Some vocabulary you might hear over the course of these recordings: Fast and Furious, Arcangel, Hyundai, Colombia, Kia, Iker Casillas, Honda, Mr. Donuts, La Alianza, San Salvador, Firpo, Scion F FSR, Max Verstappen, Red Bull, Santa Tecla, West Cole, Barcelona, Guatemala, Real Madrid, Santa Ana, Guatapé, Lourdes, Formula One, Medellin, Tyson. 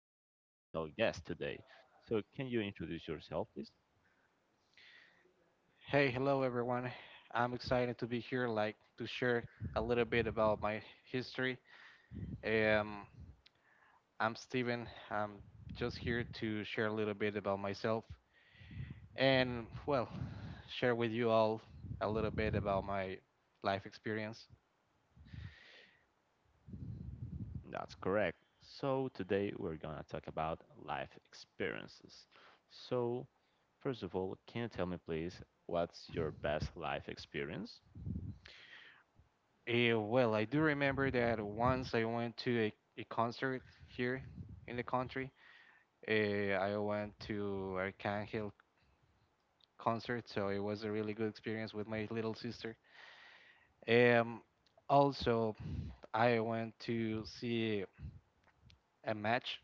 I have a special guest today. So, can you introduce yourself, please? Hey, hello everyone. I'm excited to be here, like to share a little bit about my history. Um, I'm Steven. I'm just here to share a little bit about myself and, well, share with you all a little bit about my life experience. That's correct. So, today we're going to talk about life experiences. So, first of all, can you tell me, please, what's your best life experience? Well, I do remember that once I went to a concert here in the country. I went to a Arcangel concert, so it was a really good experience with my little sister. Um, Also, I went to see a match.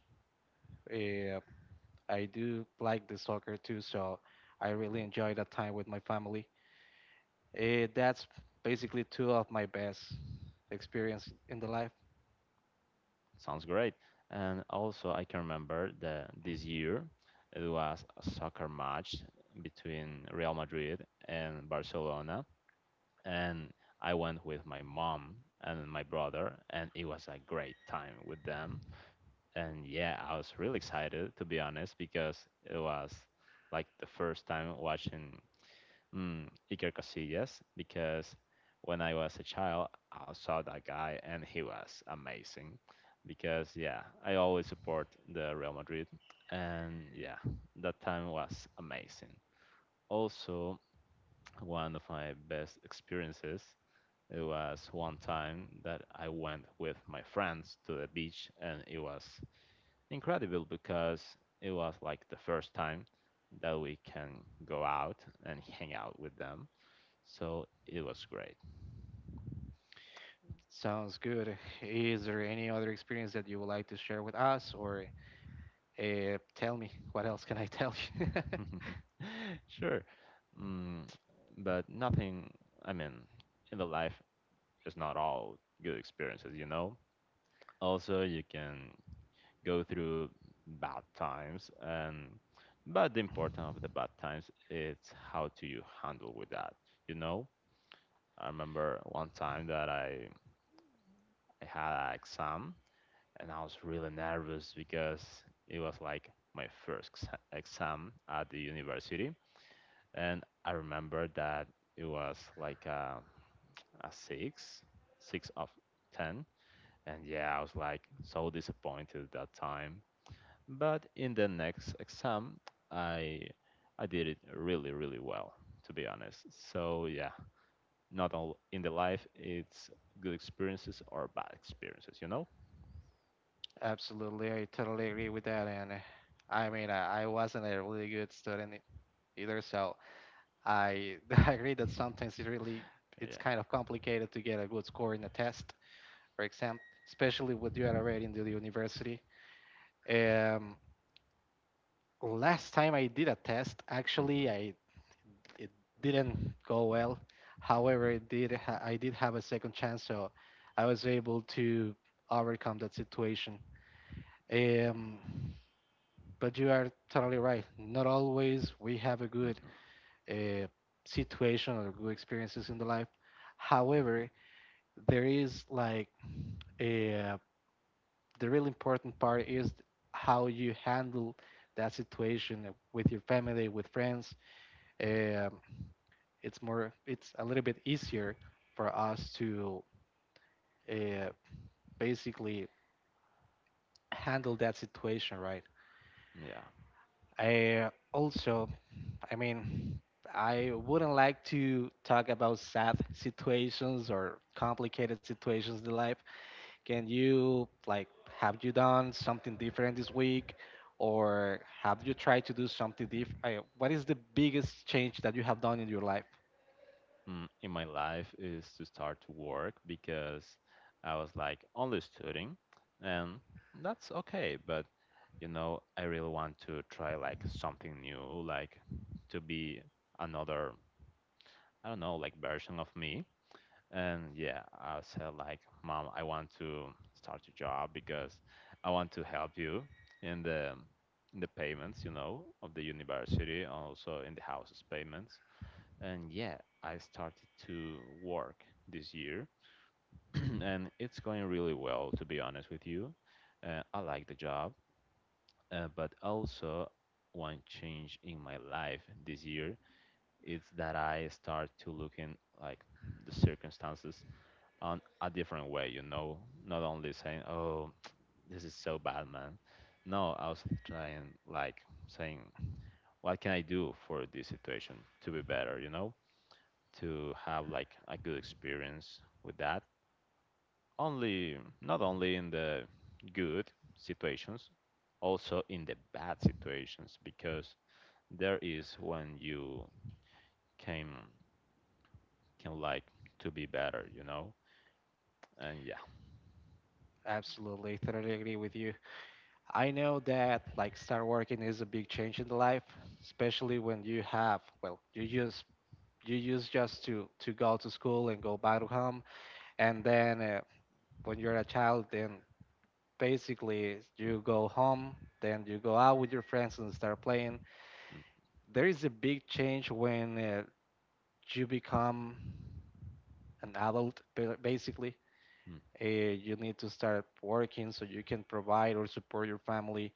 Uh, I do like the soccer too, so I really Well, enjoy that time with my family. That's basically two of my best experience in the life. sounds great. And also, I can remember that this year it was a soccer match between Real Madrid and Barcelona and I went with my mom and my brother, and it was a great time with them. And yeah, I was really excited to be honest because it was like the first time watching mm, Iker Casillas because when I was a child, I saw that guy and he was amazing. Because yeah, I always support the Real Madrid, and yeah, that time was amazing. Also, one of my best experiences it was one time that I went with my friends to the beach, and it was incredible because it was like the first time that we can go out and hang out with them. So it was great. Sounds good. Is there any other experience that you would like to share with us, or tell me what else can I tell you? Sure. Mm, but nothing, I mean, in the life is not all good experiences, you know? Also, you can go through bad times and but the importance of the bad times is how do you handle with that, you know I remember one time that I had an exam and I was really nervous because it was like my first exam at the university, and I remember that it was like a six of ten. And yeah, I was like so disappointed that time. But in the next exam, I I did it really, really well, to be honest. So yeah, not all in the life, it's good experiences or bad experiences, you know? Absolutely, I totally agree with that. And I mean, I wasn't a really good student either, so I agree that sometimes it really it's Yeah. kind of complicated to get a good score in a test or exam, especially when you are already in the university. Um, Last time I did a test, actually, Mhm, I it didn't go well. However, it did mhm, I did have a second chance, so I was able to overcome that situation. Um, but you are totally right. Not always we have a good mhm, uh, situation or good experiences in the life. However, there is like a the really important part is how you handle that situation with your family with friends. um, it's more it's a little bit easier for us to uh, basically handle that situation, right? yeah. I also I mean, I wouldn't like to talk about sad situations or complicated situations in life. Can you like have you done something different this week, or have you tried to do something different? What is the biggest change that you have done in your life? In my life is to start to work because I was like only studying, and that's okay, but I really want to try like something new, like to be another, I don't know, like version of me. And yeah, I said like, "Mom, I want to start a job because I want to help you in the payments, of the university, also in the house's payments." And yeah, I started to work this year, and it's going really well, to be honest. With you. I like the job, but also one change in my life this year it's that I start to looking like the circumstances on a different way, not only saying, "Oh, this is so bad, man." No, I was trying like saying, "What can I do for this situation to be better?" To have like a good experience with that. Only not only in the good situations, also in the bad situations, because there is when you came can like to be better, you know? And yeah. Absolutely, totally agree with you. I know that like start working is a big change in the life, especially when you have well, you just you use just to go to school and go back to home, and then when you're a child, then basically you go home, then you go out with your friends and start playing. There is a big change when you become an adult, basically Mm-hmm. You need to start working so you can provide or support your family.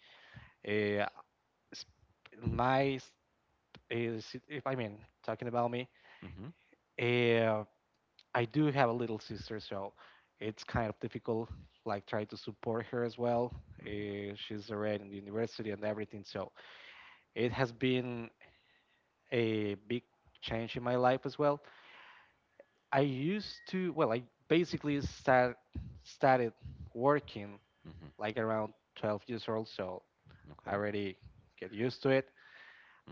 Uh, s- my s- uh, si- if i mean talking about me, Mm-hmm. uh, I do have a little sister, so it's kind of difficult like try to support her as well. Mm-hmm. She's already in the university and everything, so it has been a big change in my life as well. I used to, well, I basically start, started working Mm-hmm. like around 12 years old, so I Okay. already get used to it.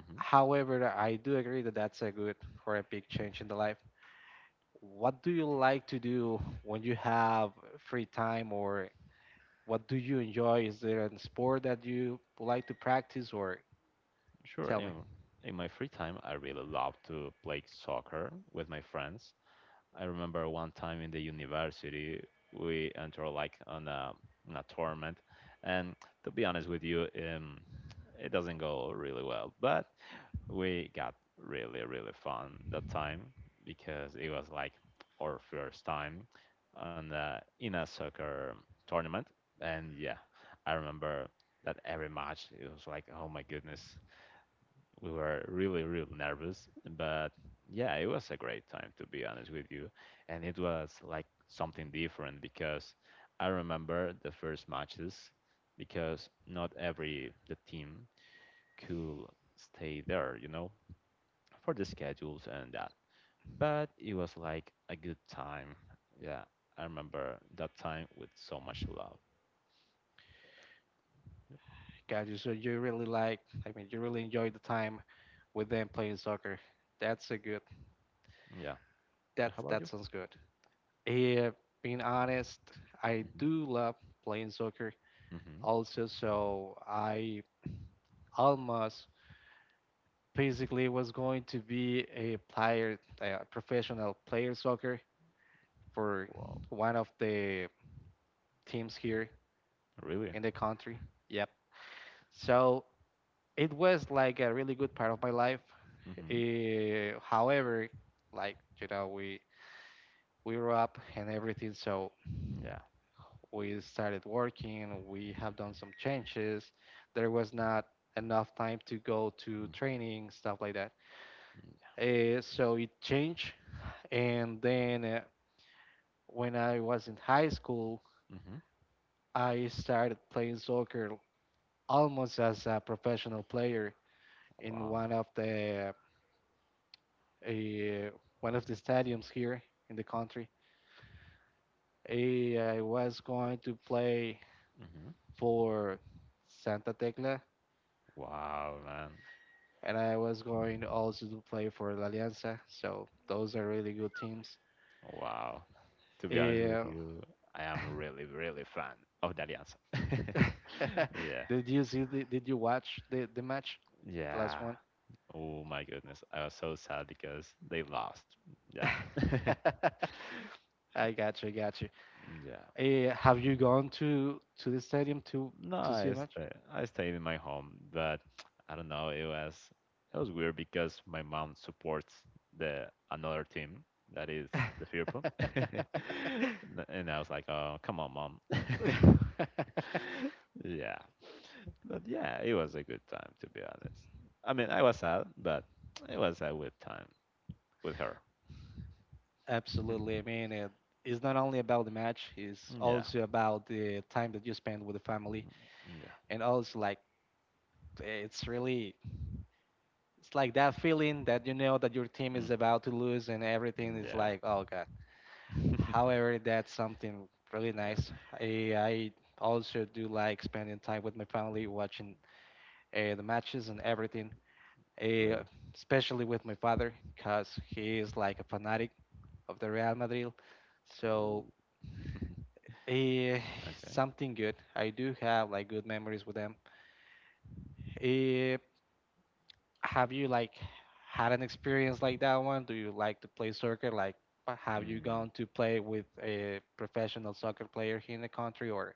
Mm-hmm. However, I do agree that that's a good or a big change in the life. What do you like to do when you have free time, or what do you enjoy? Is there a sport that you would like to practice, or Sure. tell me? In my free time, I really love to play soccer with my friends. I remember one time in the university, we entered like on a tournament. And to be honest with you, it doesn't go really well. But we got really really fun that time because it was like our first time in a soccer tournament. And yeah, I remember that every match it was like, "Oh my goodness," we were really really nervous, but yeah, it was a great time to be honest with you. And it was like something different because I remember the first matches, because not every the team could stay there, for the schedules and that. But it was like a good time. Yeah, I remember that time with so much love. Yep. Got you. So you really like, I mean, you really enjoy the time with them playing soccer. That's a good. Yeah. And how That's about that you? sounds good. Yeah, being honest, I Mm-hmm. do love playing soccer Mm-hmm. also, so I almost basically was going to be a player, a professional player soccer for Wow. one of the teams here Really? in the country. Yep. So it was like a really good part of my life. Mm-hmm. However, like, you know, we we grew up and everything, so Yeah. we started working, we have done some changes. There was not enough time to go to training, stuff like that. Mm-hmm. So it changed. And then when I was in high school, Yeah. Mm-hmm. I started playing soccer almost as a professional player in Wow. Uh, one of the stadiums here in the country. I was going to play Mm-hmm. for Santa Tecla Wow, man. and I was going also to play for La Alianza. So those are really good teams. Wow. To be honest with Yeah. you, I am really, really fan of that answer. Yeah. Did you see? Did you watch the match, the last Yeah. one? Oh my goodness. I was so sad because they lost. Yeah. I got you, got you. Yeah. Have you gone to the stadium to No, to see I a match? stay, I stayed in my home, but I don't know. It was weird because my mom supports the another team that is the Firpo, and I was like, "Oh, come on, mom." Yeah, but yeah, it was a good time to be honest. I mean, I was sad, but it was a good time with her. Absolutely. I mean, it's not only about the match; it's Yeah, also about the time that you spend with the family, yeah, and also like it's really it's like that feeling that you know that your team is mm, about to lose and everything is yeah, like, oh god. However, that's something really yeah. nice. I also do like spending time with my family, watching the matches and everything, uh, Really? especially with my father, because he is like a fanatic of the Real Madrid. Ooh. So, uh, Okay. something good. I do have like good memories with them. Eh, have you like had an experience like that one? Do you like to play soccer? Like, have you gone Mm, to play with a professional soccer player here in the country? Or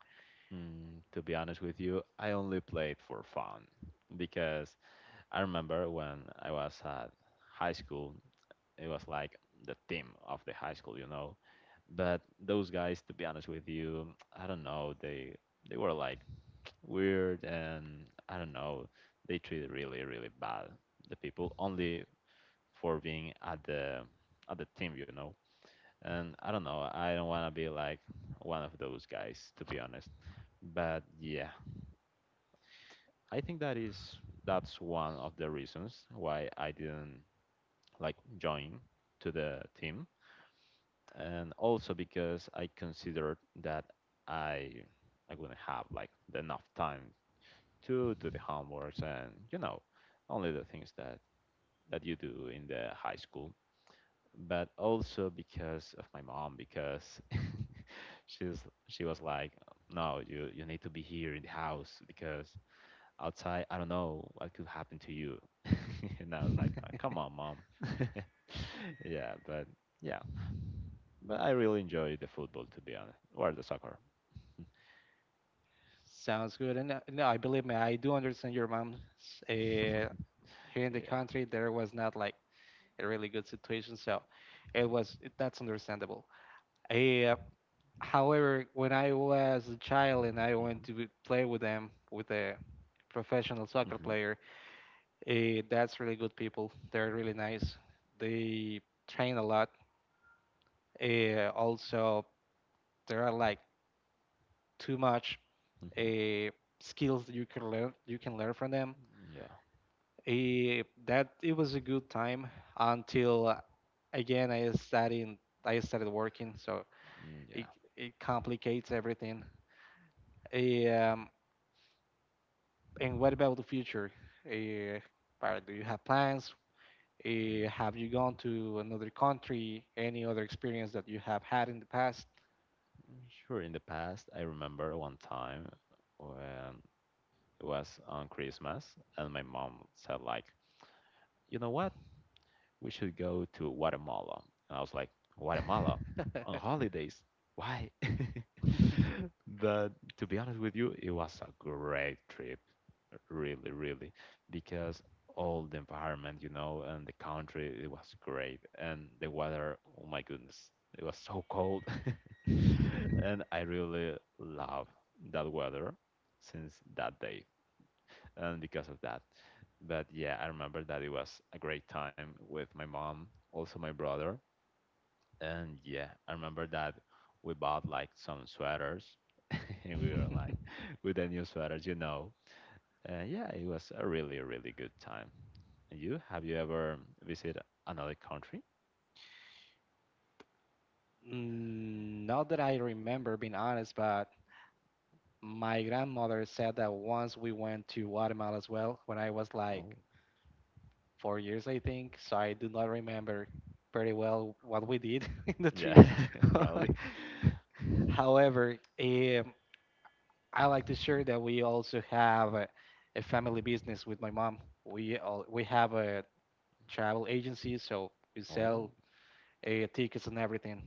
to be honest with you, I only played for fun because I remember when I was at high school, it was like the team of the high school. But those guys, to be honest with you, I don't know, they were like weird, and I don't know, they treated really really bad the people only for being at the team. And I don't know, I don't want to be like one of those guys, to be honest. But yeah, I think that's one of the reasons why I didn't like join to the team, and also because I considered that I I wouldn't have like enough time to do the homeworks, and only the things that you do in the high school, but also because of my mom, because she's she was like, "No, you need to be here in the house, because outside, I don't know what could happen to you." And I was like, "Ah, come on, mom." Yeah, but yeah, but I really enjoy the football to be honest, or the soccer. sounds good. And no, I believe me, I do understand your mom's Yeah. uh, here in the country. There was not like a really good situation, so it was that's understandable. Uh, However, when I was a child and I went Hmm, to play with them with a professional soccer hmm, player. That's really good people. They're really nice. They train a lot. Also, there are like too much hmm. uh, skills you can learn. You can learn from them. Yeah. That it was a good time until again I started working, so Mm, it yeah. it complicates everything. Eh, Um, and what about the future? Uh, Barrett, do you have plans? Mm, Have you gone to another country? Any other experience that you have had in the past? mm, sure. In the past, I remember one time when it was on Christmas, and my mom said, like, "You know what? We should go to Guatemala." And I was like, "Guatemala on holidays? Why?" But to be honest with you, it was a great trip, really, really, because all the environment, and the country, it was great. And the weather, oh my goodness, it was so cold. And I really love that weather since that day and because of that. But yeah, I remember that it was a great time with my mom, also my brother, and yeah, I remember that we bought like some sweaters, and we were like with the new sweaters. And yeah, it was a really really good time. And you have you ever visited another country? Not that I remember, being honest, but my grandmother said that once we went to Guatemala as well when I was like Oh, 4 years, I think. So I do not remember very well what huh? we did in the trip. Yeah, probably. However, I like to share that we also have a family business with my mom. We have a travel agency, so we Oh, sell tickets and everything.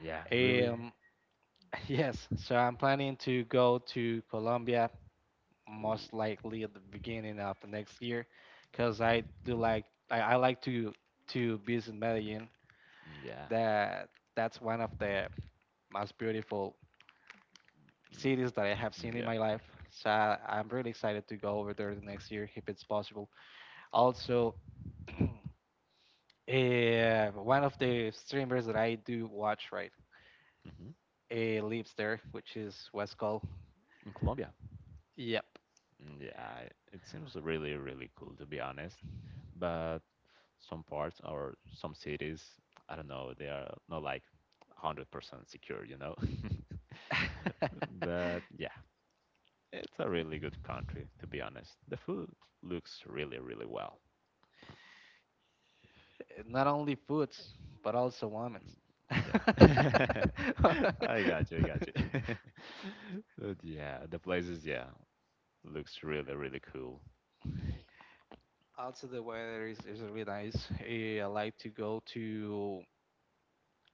yeah, really. Um, yes, so I'm planning to go to Colombia Oh, most likely at the beginning of the next year, because I do like I like to visit Medellin. yeah, That that's one of the most beautiful cities that I have mm, seen in yeah. my life. So I'm really excited to go over there the next year if it's possible. Also, one of the streamers that I do watch, right, Hmm. Lives there, which is West Cole. In Colombia. Yep. Mm, yeah, it seems really, really cool to be honest. But some parts or some cities, I don't know, they are not like 100% secure, you know? But yeah, it's a really good country to be honest. The food looks really, really well. Not only foods, but also women's. Mm, yeah. I got you, I got you. But yeah, the places, yeah, looks really, really cool. Also, the weather is really nice. I like to go to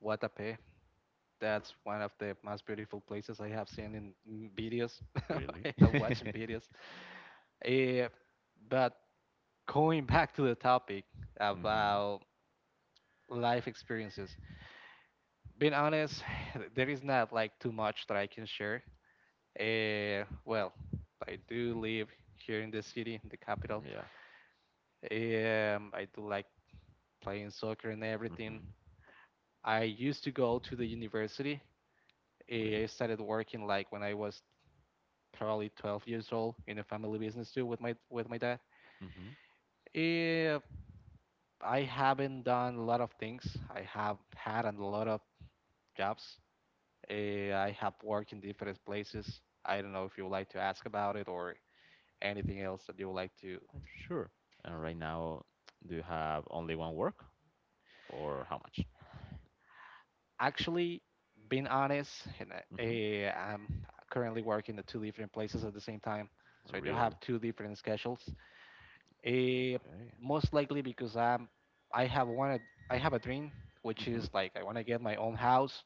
Guatapé. That's one of the most beautiful places I have seen in videos. Really? I have watched in videos. Eh, but going back to the topic Hmm. about life experiences, being honest, there is not like too much that I can share. Well, I do live here in the city, in the capital. Yeah. I do like playing soccer and everything. Mm-hmm. I used to go to the university. I Really. started working like when I was probably 12 years old in a family business too with my dad. Mm-hmm. Eh, I haven't done a lot of things. I have had a lot of jobs. I have worked in different places. I don't know if you would like to ask about it or anything else that you would like to. Sure. And right now, do you have only one work or how much? Actually, being honest, and Mm-hmm. I'm currently working at two different places at the same time, so I do Really? have two different schedules. Eh, Okay. Most likely because I have wanted I have a dream which Mm-hmm. is like I want to get my own house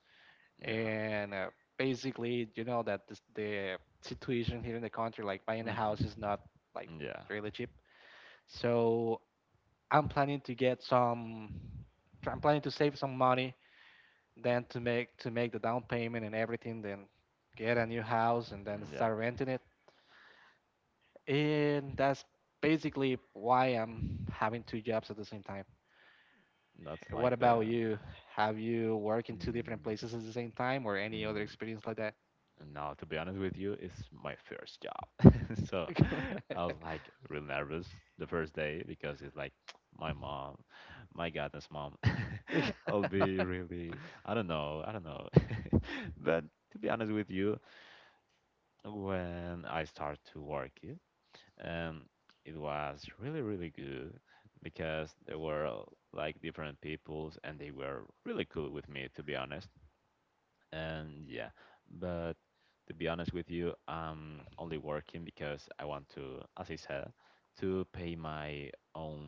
Yeah. and basically you know that this, the situation here in the country like buying a house is Mm-hmm. not like Yeah. really cheap. So I'm planning to get some I'm planning to save some money then to make the down payment and everything then get a new house and then Mm, yeah. start renting it. And that's basically why I'm having two jobs at the same time. That's What like about the. you? Have you worked in two different Mm, places at the same time or any other mm, experience like that? Now, to be honest with you, it's my first job. So I was like real nervous the first day because it's like my mom, my goddess mom. I'll be really, I don't know, I don't know. But to be honest with you, when I start to work, um, it was really, really good because there were like different peoples and they were really cool with me, to be honest. And yeah, but to be honest with you, I'm only working because I want to, as I said, to pay my own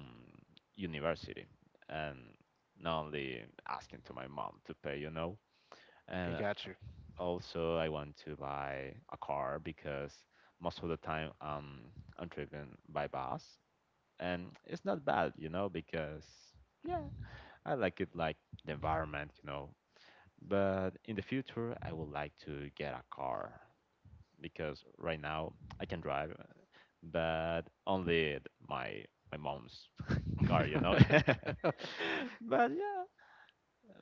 university and not only asking to my mom to pay. I And got you. also, I want to buy a car because most of the time I'm driven by bus, and it's not bad, because yeah, I like it like the environment, but in the future, I would like to get a car because right now I can drive, but only my my mom's car. But yeah,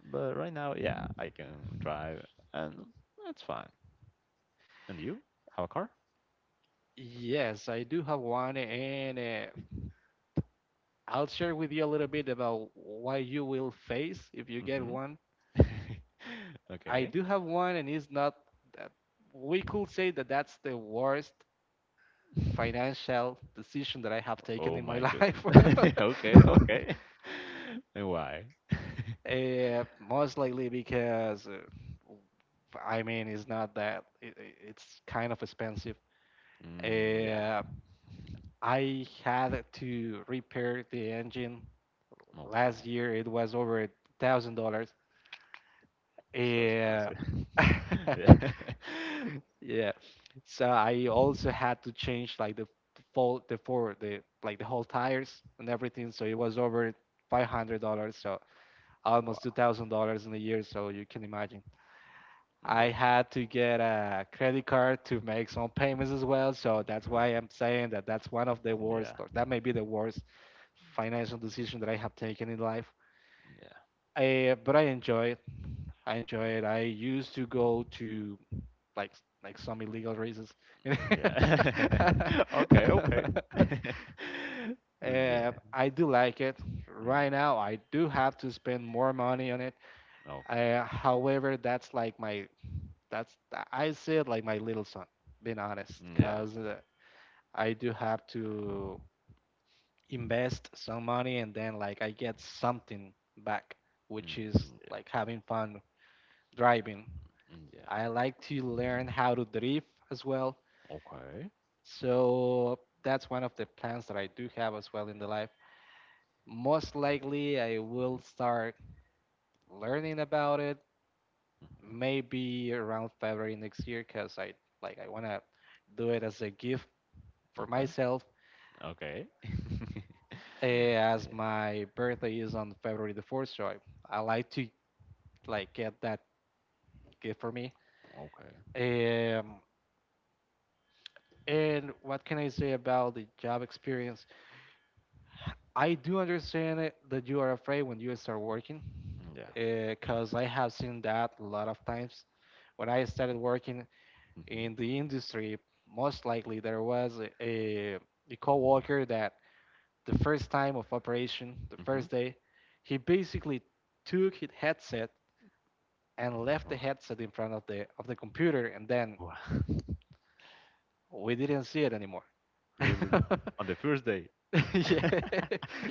but right now, yeah, I can drive and that's fine. And you have a car? Yes, I do have one, and I'll share with you a little bit about why you will face if you get Mm-hmm. one. I Okay. do have one, and it's not that we could say that that's the worst financial decision that I have taken Oh in my my good. life. Okay, okay. And why? Most likely because I mean it's not that it's kind of expensive. Mm, yeah. Uh, I had to repair the engine last Okay. year. It was over $1,000. So Yeah, expensive. Yeah. yeah. So I also had to change like the full the four the like the whole tires and everything. So it was over $500. So almost two Wow. thousand dollars in a year. So you can imagine. I Yeah. had to get a credit card to make some payments as well. So that's Great. why I'm saying that that's one of the worst, Yeah. or that may be the worst financial decision that I have taken in life. But I enjoy it. I enjoy it. I used to go to like like some illegal races. Yeah. Yeah. Okay. Okay. Yeah. I do like it. Right Mm. now, I do have to spend more money on it. Okay. However, that's like my that's th- I see it like my little son, being honest, Yeah. because I do have to invest some money and then like I get something back, which Mm. is Yeah. like having fun driving. Mm, yeah. I like to learn how to drift as well, Okay. so that's one of the plans that I do have as well in the life. Most likely, I will Mhm. start learning about it Mhm. maybe around February next year, because I wanna do it as a gift for Okay. myself Okay. Yeah. as my birthday is on February the 4th, so I like to like get that gift for me. Okay. Um, and what can I say about the job experience? I do understand it, that you are afraid when you start working, Yeah. because I have seen that a lot of times. When I started working Mm-hmm. in the industry, most likely there was a, a, a coworker that the first time of operation, the Mm-hmm. first day, he basically took his headset and left the Wow. headset in front of the computer, and then Wow. we didn't see it anymore. Really? On the first day? yeah.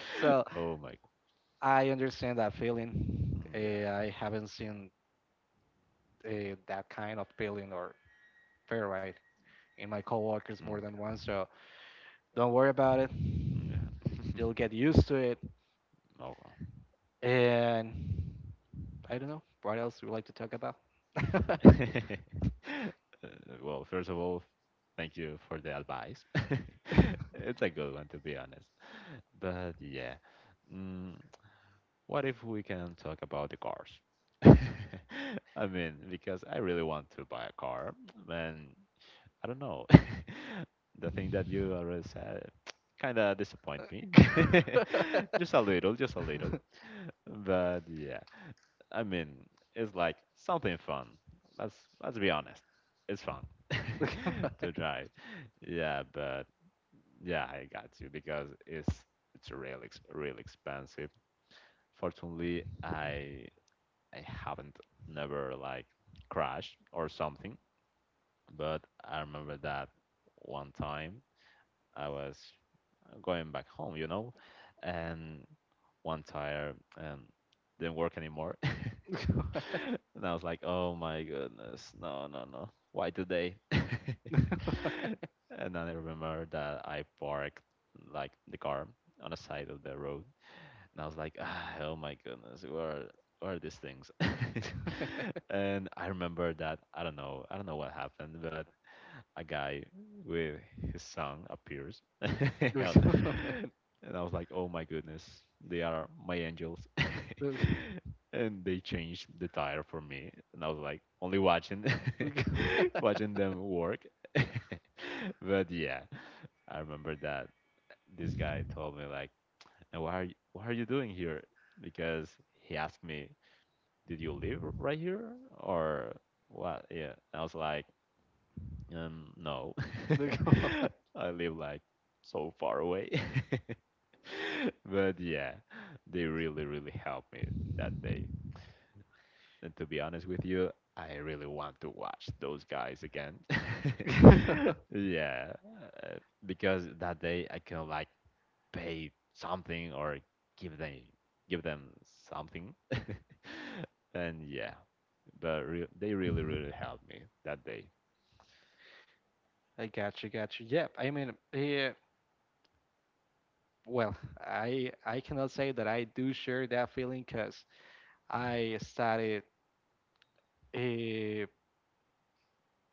So Oh my. I understand that feeling. Yeah. I haven't seen that kind of feeling or fair right in my coworkers more than Mm, once. So don't worry about it. yeah. You'll get used to it. Oh, And I don't know what else you would like to talk about. well. Well, first of all, thank you for the advice. It's a good one, to be honest. But yeah, mm, what if we can talk about the cars? I mean, because I really want to buy a car, and I don't know. The thing that you already said kind of disappoint me. Look, Just a little, just a little. But yeah. I mean, it's like something fun. Let's let's be honest. It's fun to try. Yeah, but yeah, I got you because it's real expensive. Fortunately, I haven't never like crashed or something, but I remember that one time I was going back home, and one tire didn't work anymore. And I was like, oh my goodness, no, no, no. Why today? And I remember that I parked like the car on the side of the road. And I was like, ah, oh my goodness, where are these things? And I remember that I don't know what happened, but a guy with his son appears. And I was like, oh my goodness, they are my angels. look, look, And they changed the tire for me. And I was like, only watching, watching them work. But yeah, I remember that this guy told me like, "And what are you doing here?" Because he asked me, "Did you live right here or what?" Yeah, I was like, no, look. I live like so far away. But yeah, they really, really helped me that day. And to be honest with you, I really want to watch those guys again. Yeah, uh, because that day I can like pay something or give them give them something. And yeah, but re they really, really helped me that day. I got you, got you. Yep. I mean, yeah. Well, I cannot say that I do share that feeling because I started. Uh,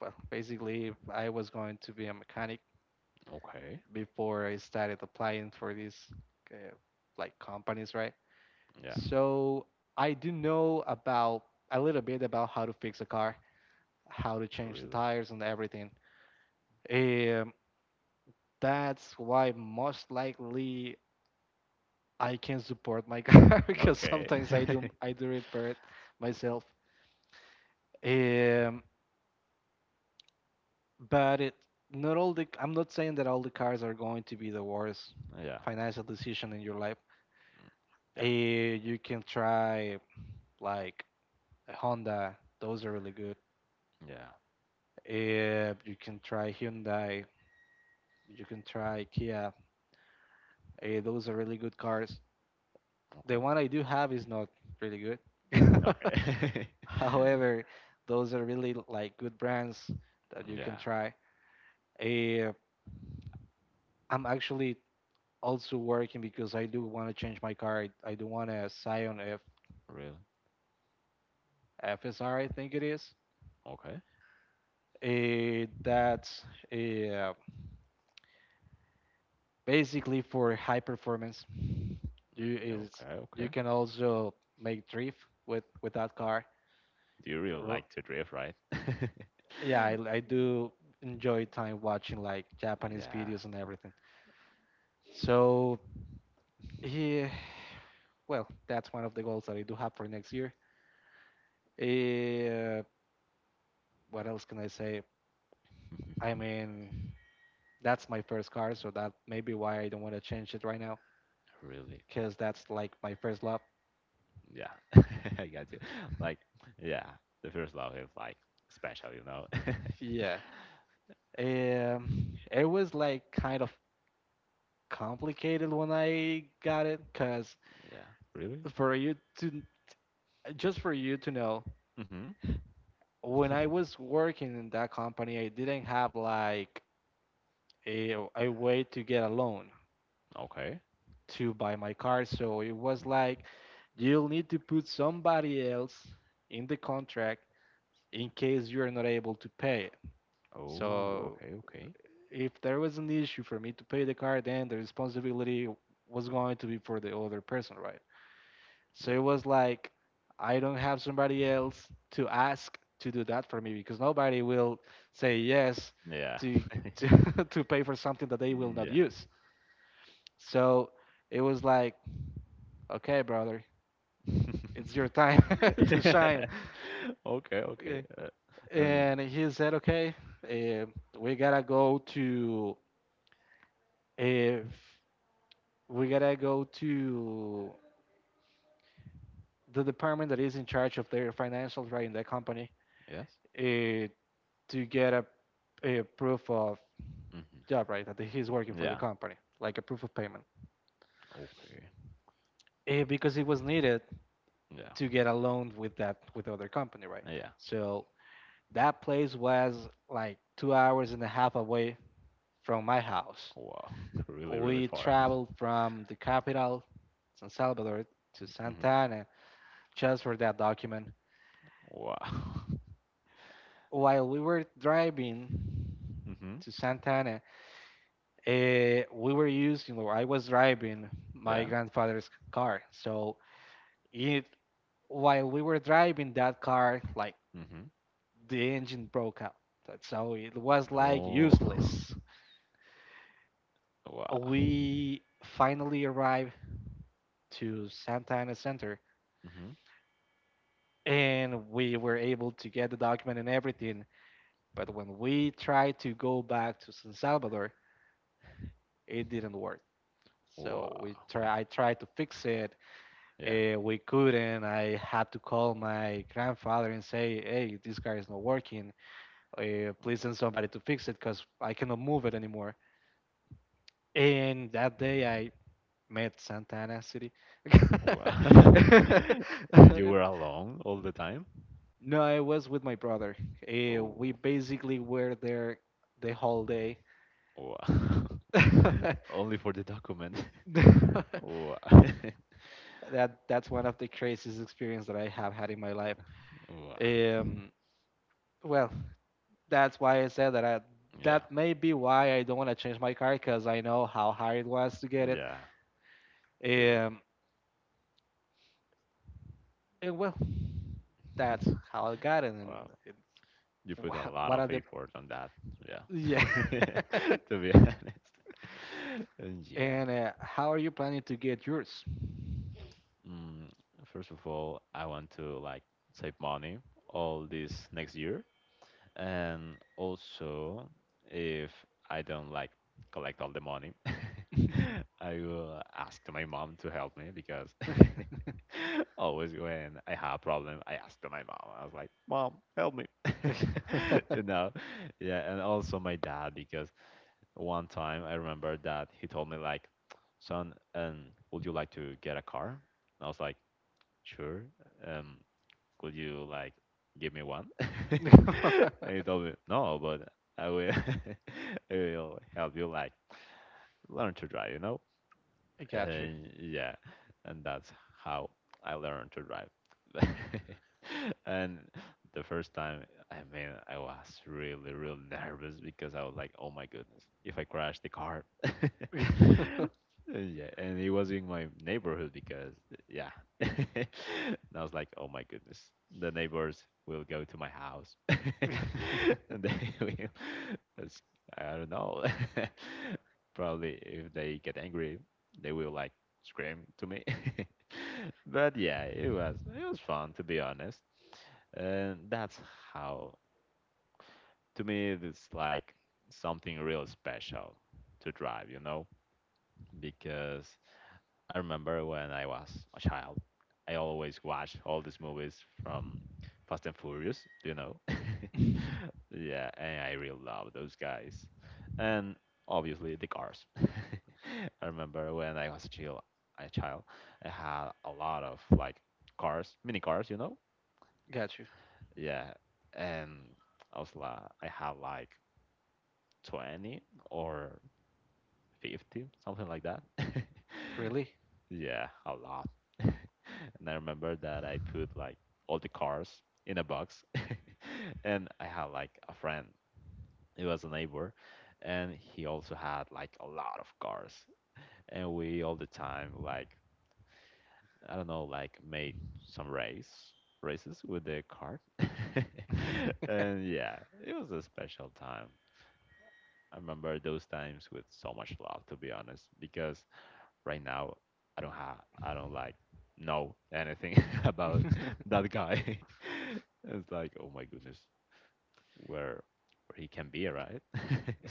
well, basically, I was going to be a mechanic Okay, before I started applying for these uh, like companies, right? yeah, So I do know about a little bit about how to fix a car, how to change the really. tires and everything. Um, that's why most likely I can support my car because Okay. sometimes I do I do repair it myself. Um, but it not all the I'm not saying that all the cars are going to be the worst Yeah. financial decision in your life. Mm. Uh, Yeah. you can try like a Honda; those are really good. Yeah. You can try Hyundai. You can try Kia. Those are really good cars. The one I do have is not really good. Okay. Okay. However, those are really like good brands that you can Yeah. try. Uh, I'm actually also working because I do want to change my car. I do want a Scion F Really? FSR, I think it is. Okay. That's uh, basically for high performance. You is Okay. Okay. you can also make drift with that car. Do you really Ro- like to drift, right? Yeah, I do enjoy time watching like Japanese Yeah. videos and everything. So yeah. Well, that's one of the goals that I do have for next year. Uh, what else can I say? I mean, that's my first car, so that may be why I don't want to change it right now, Really. because that's like my first love. Yeah. I got you. Like, yeah. The first love is like special? Yeah. It was like kind of complicated when I got it, because Yeah. Really? for you to for you to know, Hmm. when I was working in that company, I didn't have like a way to get a loan Okay. to buy my car. So it was like, you'll need to put somebody else in the contract in case you're not able to pay it. Oh, So okay. Okay. if there was an issue for me to pay the car, then the responsibility was going to be for the other person, right? So Yeah. it was like, I don't have somebody else to ask to do that for me because nobody will say yes Yeah. to to pay for something that they will not use. So it was like, okay, brother, it's your time to Yeah. shine. Okay, okay. Okay. And And he said, okay, uh, we gotta go to uh, we gotta go to the department that is in charge of their financials, right, in that company, yes. uh, to get a proof of Hmm. job, right, that he's working for the Yeah. company, like a proof of payment, Okay. Because it was needed Yeah. to get a loan with the other company, right? Yeah. So that place was like 2 hours and a half away from my house. Wow. Really, really We far. traveled from the capital, San Salvador, to Hmm. Santa Ana just for that document. Wow. While we were driving Hmm. to Santa Ana, we were using, or I was driving my Yeah. grandfather's car. So it, while we were driving that car, like Hmm. the engine broke out. So it was like No. useless. Wow. We finally arrived to Santa Ana Center Hmm. and we were able to get the document and everything. But when we tried to go back to San Salvador, it didn't work. So we Wow. try, I tried to fix it. Yeah. We couldn't. I had to call my grandfather and say, "Hey, this car is not working. Please Wow. send somebody to fix it because I cannot move it anymore." And that day, I met Santa Ana City. Wow. And you were alone all the time? No, I was with my brother. Oh, We okay. basically were there the whole day. Wow. Only for the document. Wow. That's one of the craziest experience that I have had in my life. Wow. Um, well, that's why I said Yeah. that may be why I don't want to change my car because I know how hard it was to get it. Yeah. You're right. Um, and well, that's how I got it. And Wow. it, You put wha- a lot what of are the effort on that. Yeah. yeah? To be honest. And yeah. And how are you planning to get yours? Mm, First of all, I want to like save money all this next year. And also, if I don't like collect all the money, I will ask to my mom to help me because always when I have a problem, I ask to my mom. I was like, "Mom, help me," you know. Yeah, and also my dad because one time I remember that he told me like, "Son, would you like to get a car?" And I was like, "Sure. Um, could you like give me one?" I And he told me, no, but I will, I will help you like learn to drive? got you. And yeah, and that's how I learned to drive. And the first time, I mean, I was really, really nervous because I was like, oh my goodness, if I crash the car. And yeah, and it was in my neighborhood because, yeah. And I was like, oh my goodness, the neighbors will go to my house. And that's- I don't know. Probably if they get angry, they will like scream to me. But yeah, it was fun to be honest. And that's how to me it's like something real special to drive, because I remember when I was a child, I always watched all these movies from Fast and Furious, you know? Yeah, and I really love those guys. And obviously the cars. I remember when I was a child, I had a lot of like cars, mini cars? Got you. Yeah, and I was like, I had like 20 or 50, something like that. Really? Yeah, a lot. And I remember that I put like all the cars in a box. And I had like a friend, he was a neighbor, and he also had like a lot of cars. And we all the time like I don't know, like made some races with the cart. And yeah, it was a special time. I remember those times with so much love, to be honest, because right now, I don't like know anything about that guy. It's like, oh my goodness, where where he can be, right?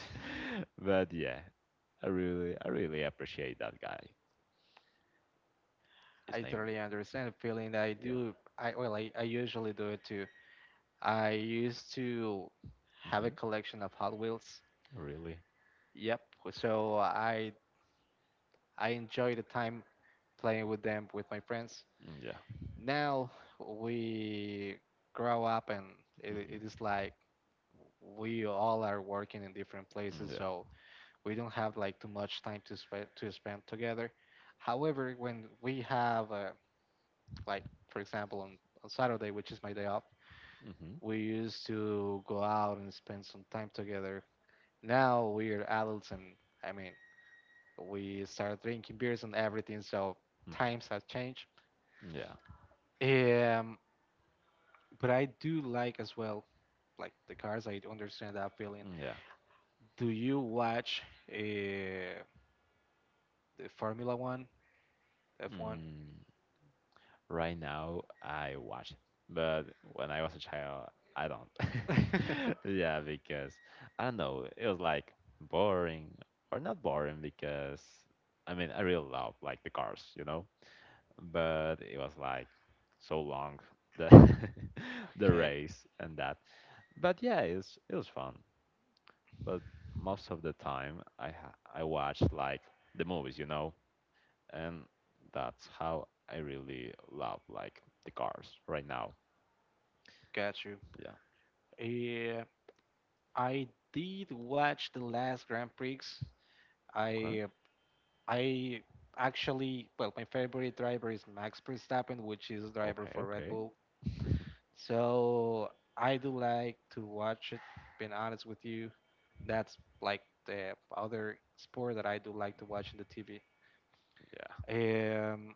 But yeah, I really appreciate that guy, I his name, totally understand the feeling that I yeah. do. I usually do it too. I used to have a Hmm. collection of Hot Wheels. Really. Yep. So I enjoy the time playing with them with my friends. Yeah. Now we grow up and it, Hmm. it is like we all are working in different places, Yeah. so we don't have like too much time to spend together. However, when we have like for example on Saturday, which is my day off, Hmm. we used to go out and spend some time together. Now we are adults, and I mean we start drinking beers and everything, so Hmm. times have changed. Yeah. Um, but I do like as well like the cars. I understand that feeling. Mm, yeah. Do you watch? Uh, The Formula One, F1. Mm. Right now, I watch it, but when I was a child, I don't. Yeah, because I don't know, it was like boring or not boring because I mean, I really love like the cars, but it was like so long the the Okay, race and that. But yeah, it was fun. But most of the time, I watched like the movies, and that's how I really love like the cars right now. got you. Yeah. Uh, I did watch the last Grand Prix. Okay. I I actually, well, my favorite driver is Max Verstappen, which is driver Okay. for Red Okay. Bull. So I do like to watch it, being honest with you. That's like the other sport that I do like to watch in the TV. Yeah, Um,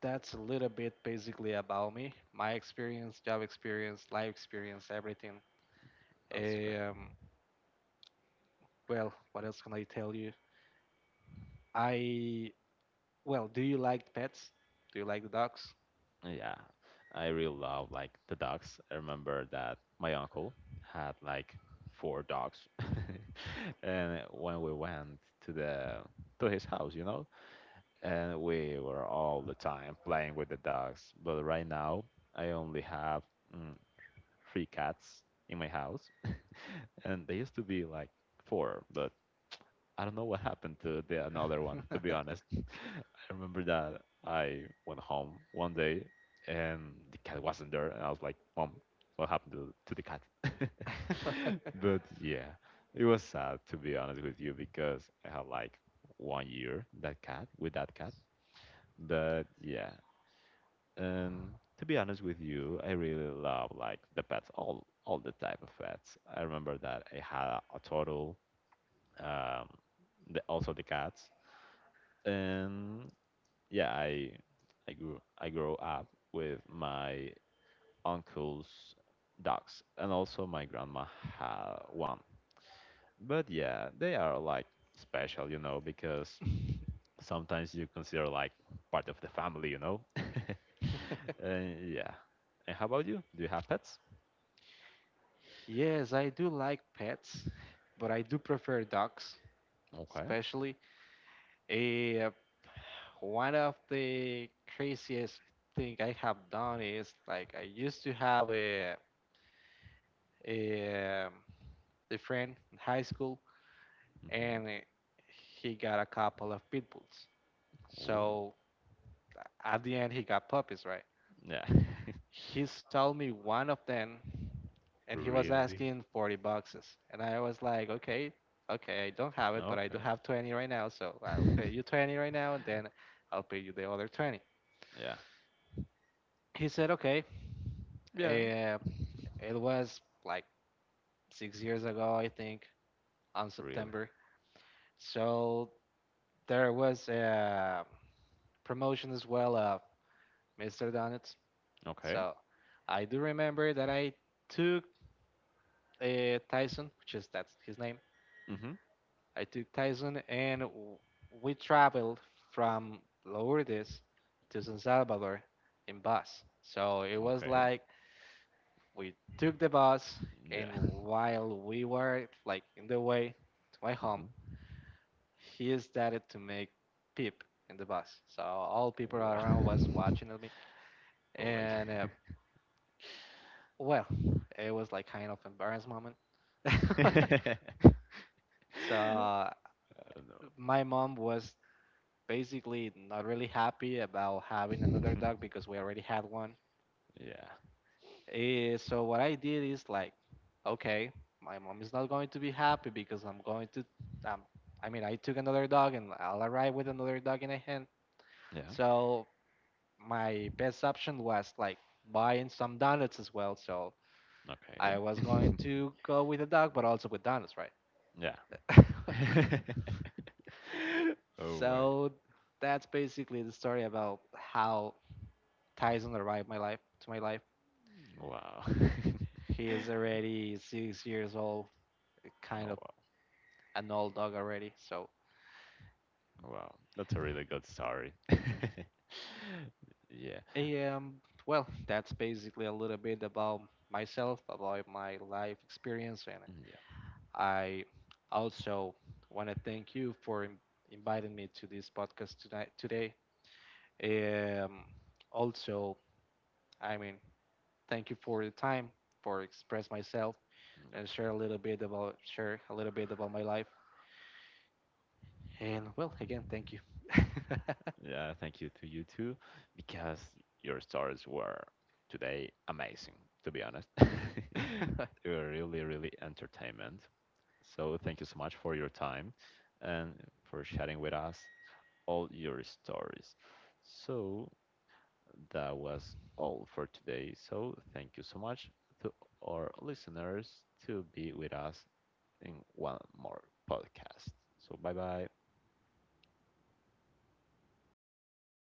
that's a little bit basically about me, my experience, job experience, life experience, everything. that's great. Um, well, what else can I tell you? I do you like pets? Do you like the dogs? Yeah, I really love like the dogs. I remember that my uncle had like four dogs, and when we went to the to his house, and we were all the time playing with the dogs. But right now, I only have mm, three cats in my house. And they used to be like four, but I don't know what happened to the another one. To be honest, I remember that I went home one day and the cat wasn't there, and I was like, "Mom, what happened to the cat?" But yeah, it was sad to be honest with you because I had like one year that cat with that cat. But yeah, and to be honest with you, I really love like the pets, all the type of pets. I remember that I had a turtle, um, also the cats. And yeah, I grew up with my uncle's dogs, and also my grandma had one. But yeah, they are like special, because sometimes you consider like part of the family. And yeah. And how about you? Do you have pets? Yes, I do like pets, but I do prefer dogs, Okay. especially. Uh, One of the craziest thing I have done is like I used to have a a friend in high school, and Hmm. he got a couple of pit bulls. Oh, So at the end, he got puppies, right? yeah. He sold me one of them, and he was Really? asking 40 boxes, and I was like, okay, okay, I don't have it, but I do Okay. have 20 right now, so I'll pay you 20 right now, and then I'll pay you the other 20. Yeah. He said, okay. Yeah. Uh, it was like 6 years ago, I think, on Really. September. So there was a promotion as well of Mr. Donuts. Okay. So I do remember that I took Tyson, which is that's his name. Hmm. I took Tyson and we traveled from Lourdes to San Salvador in bus. So it was Okay. like we took the bus Yeah. and while we were like in the way to my home, Hmm. he started to make peep in the bus. So all people Wha around was watching at me, Oh my and well, it was like kind of embarrassed moment. God. So I don't my mom was basically not really happy about having another know. dog because we already had one. Yeah. So what I did is like, okay, my mom is not going to be happy because um, I mean, I took another dog and I'll arrive with another dog in a hand. Yeah. So my best option was like buying some donuts as well. So I Okay. was going to go with a dog, but also with donuts, right? Yeah. Oh my. So that's basically the story about how Tyson arrived my life to my life. Wow. He is already 6 years old, Oh kind of wow. an old dog already. So Wow. That's a really good story. Yeah. um well that's basically a little bit about myself, about my life experience, and Mm, yeah. I also wanna thank you for inviting me to this podcast tonight today. Um Also, I mean thank you for the time for express myself Yep. and share a little bit about my life. And well, again, thank you. Yeah, thank you to you too, because your stories were today amazing, to be honest. They were really, really entertainment. So thank you so much for your time and for sharing with us all your stories. So that was all for today. So thank you so much to our listeners to be with us in one more podcast. So bye bye.